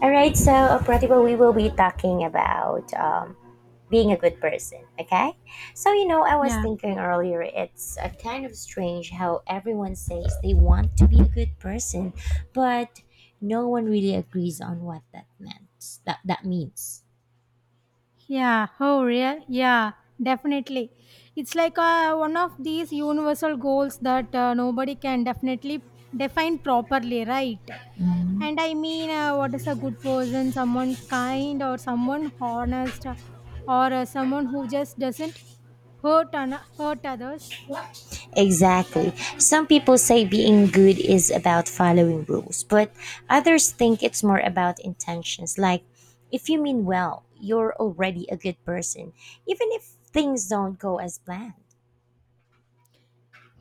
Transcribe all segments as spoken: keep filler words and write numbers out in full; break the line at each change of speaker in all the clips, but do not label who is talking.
All right, so uh, Pratibha, we will be talking about um, being a good person, okay? So, you know, I was
Yeah,
thinking earlier, it's uh, kind of strange how everyone says they want to be a good person, but no one really agrees on what that meant. That, that means.
yeah. Oh, real? Yeah, definitely. It's like uh, one of these universal goals that uh, nobody can definitely define properly, right? And I mean, uh, what is a good person? Someone kind, or someone honest, or uh, someone who just doesn't hurt and hurt others.
Exactly. Some people say being good is about following rules, but others think it's more about intentions. Like, if you mean well, you're already a good person, even if things don't go as planned.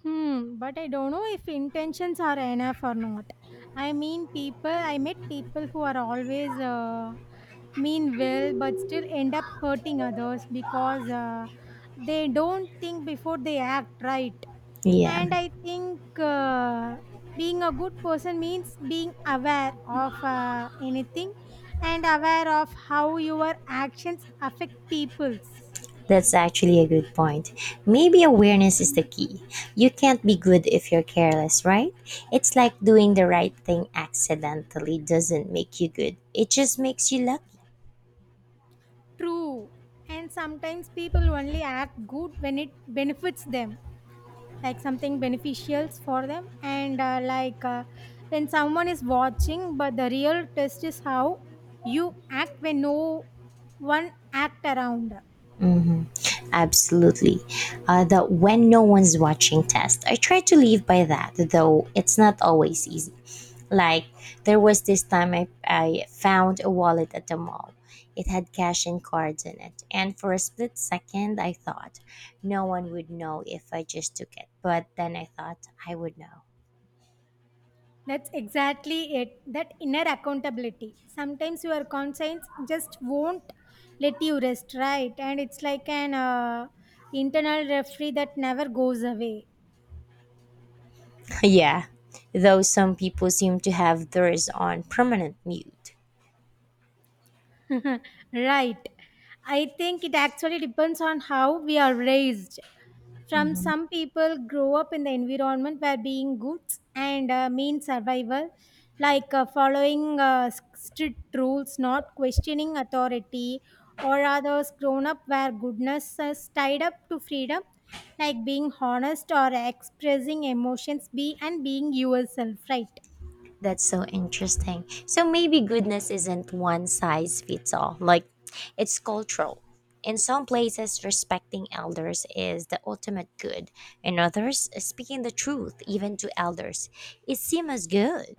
Hmm, but I don't know if intentions are enough or not. I mean, people, I met people who are always uh, mean well, but still end up hurting others because uh, they don't think before they act, right?
Yeah,
And I think uh, being a good person means being aware of uh, anything and aware of how your actions affect people's.
that's actually a good point. Maybe awareness is the key. You can't be good if you're careless, right? It's like doing the right thing accidentally doesn't make you good, it just makes you lucky.
True. And sometimes people only act good when it benefits them, like something beneficials for them. And uh, like uh, when someone is watching, but the real test is how you act when no one act around.
Absolutely. Uh, the when no one's watching test. I try to live by that, though it's not always easy. Like, there was this time I, I found a wallet at the mall. It had cash and cards in it. And for a split second, I thought no one would know if I just took it. But then I thought I would know.
That's exactly it. That inner accountability. Sometimes your conscience just won't let you rest, right? And it's like an uh, internal referee that never goes away.
Yeah, though some people seem to have theirs on permanent mute.
Right. I think it actually depends on how we are raised. From some people grow up in the environment where being good and uh, mean survival, like uh, following uh, s- strict rules, not questioning authority, or others grown up where goodness is tied up to freedom, like being honest or expressing emotions, be and being yourself, right?
That's so interesting. So maybe goodness isn't one size fits all. Like it's cultural. In some places, respecting elders is the ultimate good. In others, speaking the truth, even to elders, is seen as good.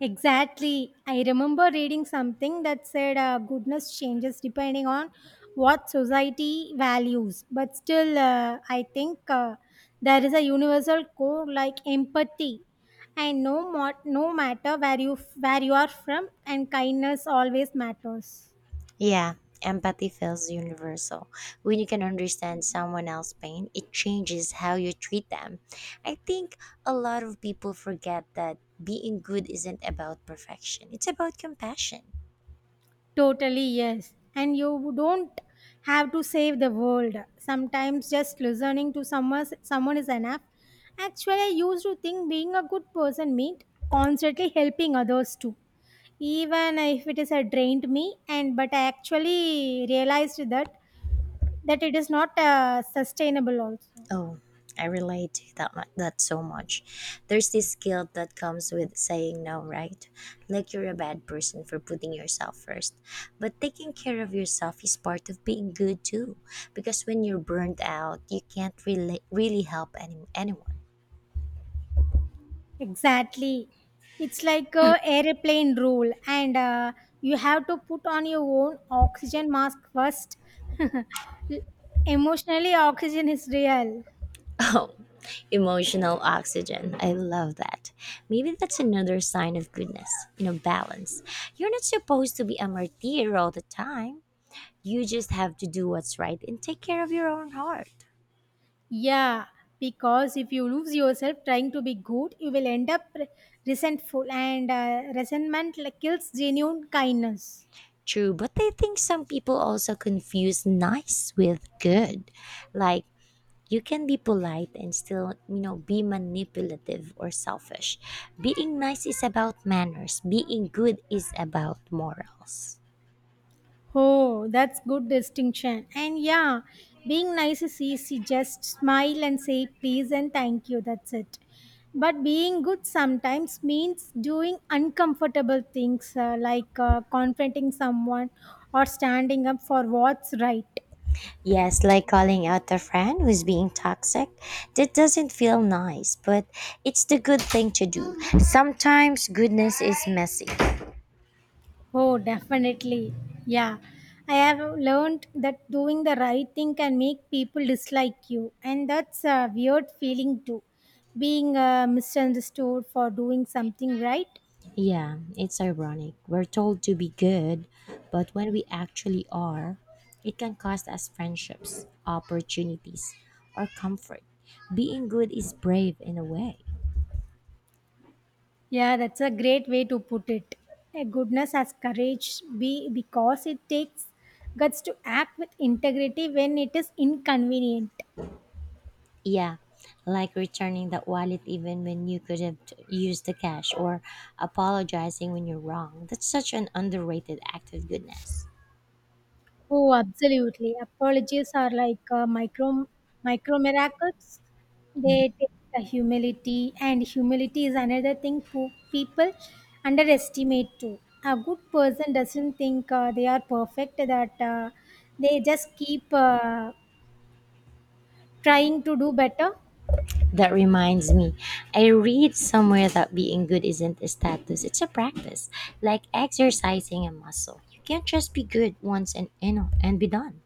Exactly. I remember reading something that said uh, goodness changes depending on what society values. But still, uh, I think uh, there is a universal core like empathy. And no, mo- no matter where you, where you are from, and kindness always matters.
Yeah, empathy feels universal. When you can understand someone else's pain, it changes how you treat them. I think a lot of people forget that being good isn't about perfection, it's about compassion.
Totally, yes. And you don't have to save the world. Sometimes just listening to someone, someone is enough. Actually, I used to think being a good person meant constantly helping others too. Even if it is a drained me, and but I actually realized that that it is not uh, sustainable also.
Oh, I relate to that mu- that so much. There's this guilt that comes with saying no, right? Like you're a bad person for putting yourself first. But taking care of yourself is part of being good too, because when you're burnt out, you can't really really help any, anyone.
Exactly. It's like a airplane rule and uh, you have to put on your own oxygen mask first. Emotionally oxygen is real.
Oh, emotional oxygen. I love that. Maybe that's another sign of goodness, you know, balance. You're not supposed to be a martyr all the time. You just have to do what's right and take care of your own heart.
Yeah, because if you lose yourself trying to be good, you will end up re- resentful and uh, resentment like, kills genuine kindness.
True, but I think some people also confuse nice with good. Like, you can be polite and still, you know, be manipulative or selfish. Being nice is about manners, being good is about morals.
Oh, that's good distinction. And yeah, being nice is easy. Just smile and say please and thank you. That's it. But being good sometimes means doing uncomfortable things uh, like uh, confronting someone or standing up for what's right.
Yes, like calling out a friend who's being toxic. That doesn't feel nice, but it's the good thing to do. Sometimes goodness is messy.
Oh, definitely. Yeah. I have learned that doing the right thing can make people dislike you, and that's a weird feeling too. Being uh, misunderstood for doing something right.
Yeah, it's ironic. We're told to be good, but when we actually are, it can cost us friendships, opportunities, or comfort. Being good is brave in a way.
Yeah, that's a great way to put it. A goodness has courage be because it takes guts to act with integrity when it is inconvenient.
Yeah, like returning the wallet even when you could have t- used the cash or apologizing when you're wrong. That's such an underrated act of goodness.
Oh, absolutely. Apologies are like uh, micro micro miracles. They take the humility, and humility is another thing po- people underestimate too. A good person doesn't think uh, they are perfect; that uh, they just keep uh, trying to do better.
That reminds me, I read somewhere that being good isn't a status, it's a practice, like exercising a muscle. You can't just be good once and you know and be done.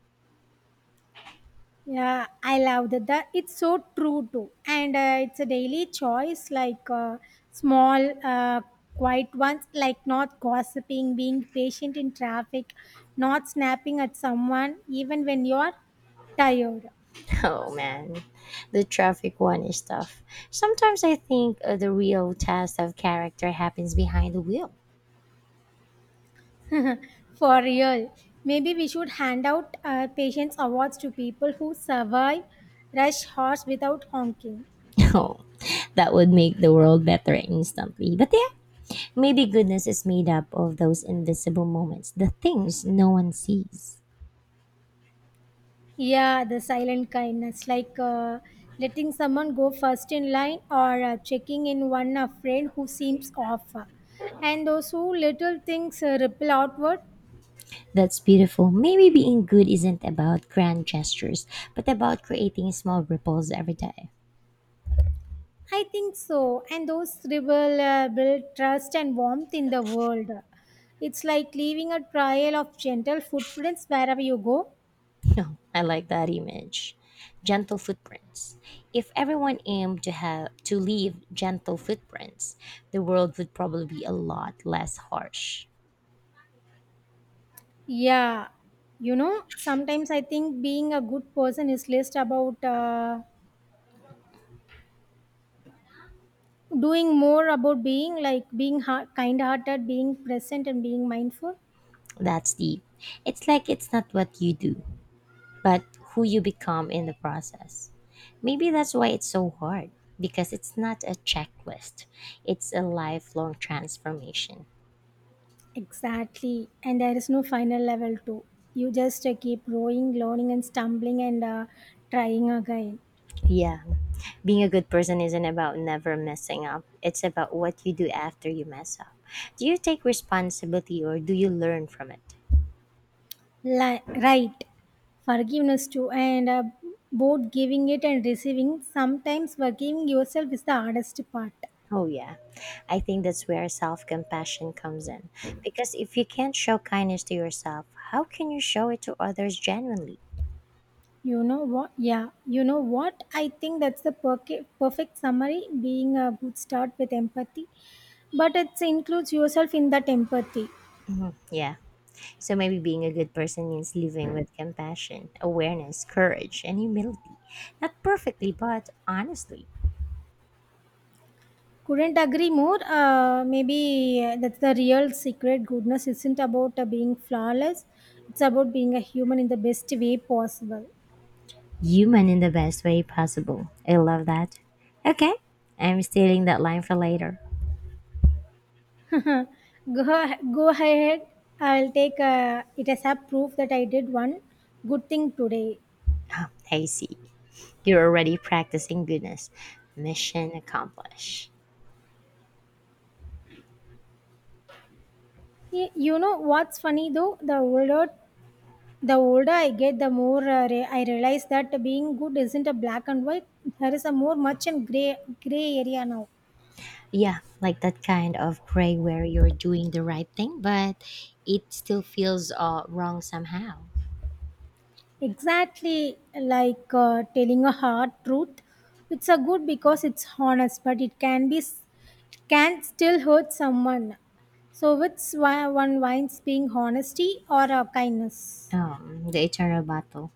Yeah, I love that. that It's so true too, and uh, it's a daily choice, like uh, small, uh, quiet ones, like not gossiping, being patient in traffic, not snapping at someone, even when you're tired.
Oh man, the traffic one is tough. Sometimes I think uh, the real test of character happens behind the wheel.
For real, maybe we should hand out uh, patience awards to people who survive rush hours without honking.
Oh, that would make the world better instantly. But yeah, maybe goodness is made up of those invisible moments, the things no one sees.
Yeah, the silent kindness, like uh, letting someone go first in line or uh, checking in one a friend who seems off. And those who little things uh, ripple outward.
That's beautiful. Maybe being good isn't about grand gestures, but about creating small ripples every day.
I think so. And those ripple uh, build trust and warmth in the world. It's like leaving a trail of gentle footprints wherever you go.
No, I like that image. Gentle footprints. If everyone aimed to have to leave gentle footprints, the world would probably be a lot less harsh.
Yeah, you know, sometimes I think being a good person is less about. Uh, doing more about being like being heart, kind hearted being present and being mindful.
That's deep. It's like it's not what you do, but who you become in the process. Maybe that's why it's so hard, because it's not a checklist. It's a lifelong transformation.
Exactly, and there is no final level too. You just uh, keep growing learning and stumbling and uh, trying again.
Yeah. Being a good person isn't about never messing up. It's about what you do after you mess up. Do you take responsibility or do you learn from it?
Li- right, forgiveness too and uh, both giving it and receiving sometimes forgiving yourself is the hardest part.
Oh, yeah. I think that's where self compassion comes in. Because if you can't show kindness to yourself, how can you show it to others genuinely?
You know what? Yeah, you know what? I think that's the perca- perfect summary being a good start with empathy, but it includes yourself in that empathy.
Yeah. So maybe being a good person means living with compassion, awareness, courage, and humility. Not perfectly, but honestly.
Couldn't agree more. Uh, maybe uh, that's the real secret. Goodness isn't about uh, being flawless, it's about being a human in the best way possible.
Human in the best way possible. I love that. Okay, I'm stealing that line for later.
Huh. Go, go ahead. I'll take uh, it as a proof that I did one good thing today.
Oh, I see. You're already practicing goodness. Mission accomplished.
Y- You know what's funny though? The older The older I get, the more uh, re- I realize that being good isn't a black and white. There is a more much and gray gray area now.
Yeah, like that kind of gray where you're doing the right thing, but it still feels uh, wrong somehow.
Exactly like uh, telling a hard truth. It's a good because it's honest, but it can be s- can still hurt someone. So which one one winds being honesty or uh, kindness?
Um, the eternal battle.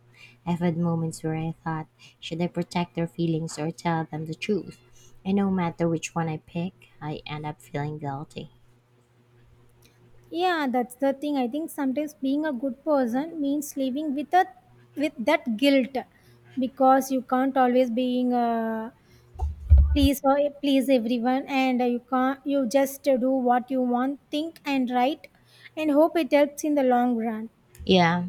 I've had moments where I thought, should I protect their feelings or tell them the truth? And no matter which one I pick, I end up feeling guilty.
Yeah, that's the thing. I think sometimes being a good person means living with a with that guilt because you can't always being a please for please everyone and uh, you can't you just uh, do what you want think and write and hope it helps in the long run.
Yeah.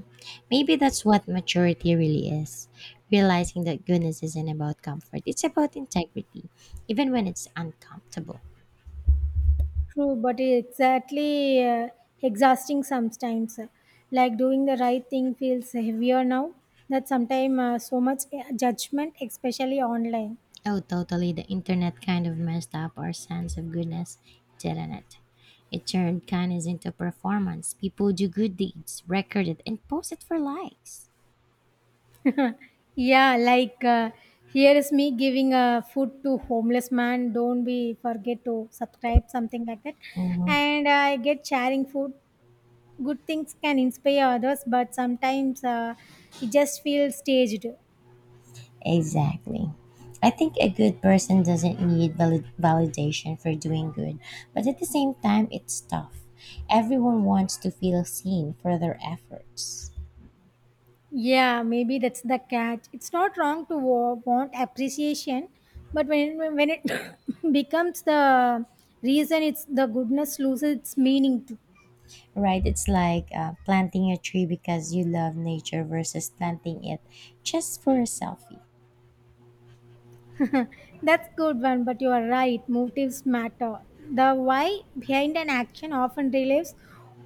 Maybe that's what maturity really is. Realizing that goodness isn't about comfort, it's about integrity, even when it's uncomfortable.
True but it exactly uh, exhausting sometimes, like doing the right thing feels heavier now that sometimes uh, so much uh, judgment, especially online.
Oh, totally. The internet kind of messed up our sense of goodness, didn't it? It turned kindness into performance. People do good deeds, record it, and post it for likes.
Yeah, like uh, here is me giving uh, food to homeless man, don't be forget to subscribe something like that.
Mhm.
And I get sharing food good things can inspire others, but sometimes uh, it just feels staged.
Exactly. I think a good person doesn't need valid- validation for doing good, but at the same time, it's tough. Everyone wants to feel seen for their efforts.
Yeah, maybe that's the catch. It's not wrong to wa- want appreciation, but when when it becomes the reason it's the goodness loses its meaning too.
Right? It's like uh, planting a tree because you love nature versus planting it just for a selfie.
That's good one, but you are right motives matter. The why behind an action often relieves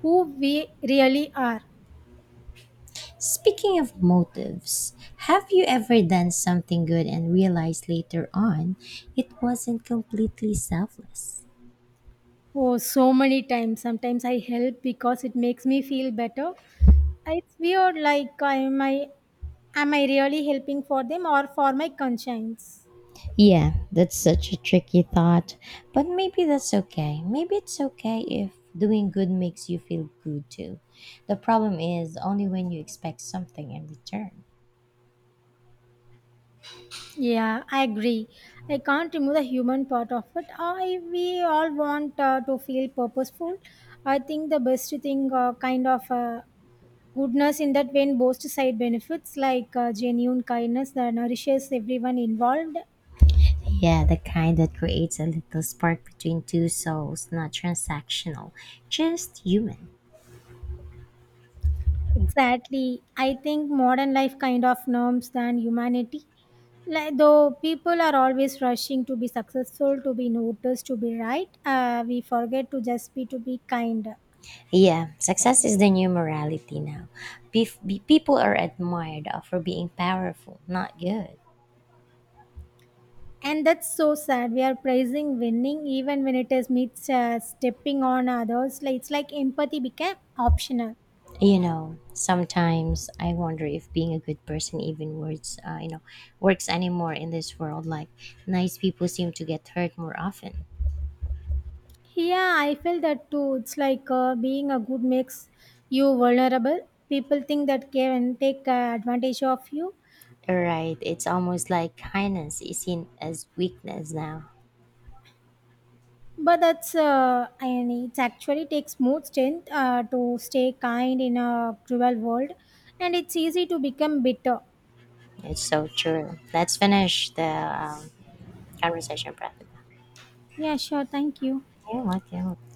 who we really are.
Speaking of motives, have you ever done something good and realized later on it wasn't completely selfless?
Oh, so many times. Sometimes I help because it makes me feel better. It's weird, like, am I, am I really helping for them or for my conscience?
Yeah, that's such a tricky thought. But maybe that's okay. Maybe it's okay if doing good makes you feel good too. The problem is only when you expect something in return.
Yeah, I agree. I can't remove the human part of it. I we all want uh, to feel purposeful. I think the best thing, uh, kind of uh, goodness in that when both side benefits, like uh, genuine kindness that nourishes everyone involved.
Yeah, the kind that creates a little spark between two souls, not transactional, just human.
Exactly. I think modern life kind of norms than humanity. Like, though people are always rushing to be successful, to be noticed, to be right, uh, we forget to just be to be kind.
Yeah, success is the new morality now. Bef- be- people are admired for being powerful, not good.
And that's so sad. We are praising winning even when it is meets uh, stepping on others. Like, it's like empathy became optional.
You know, sometimes I wonder if being a good person even works, uh, you know, works anymore in this world. Like, nice people seem to get hurt more often.
Yeah, I feel that too. It's like uh, being a good makes you vulnerable. People think that can take uh, advantage of you.
Right. It's almost like kindness is seen as weakness now.
But that's uh, and it actually takes more strength uh, to stay kind in a cruel world, and it's easy to become bitter.
It's so true. Let's finish the um, conversation, Pratibha.
Yeah, sure. Thank you.
Yeah, what? Yeah,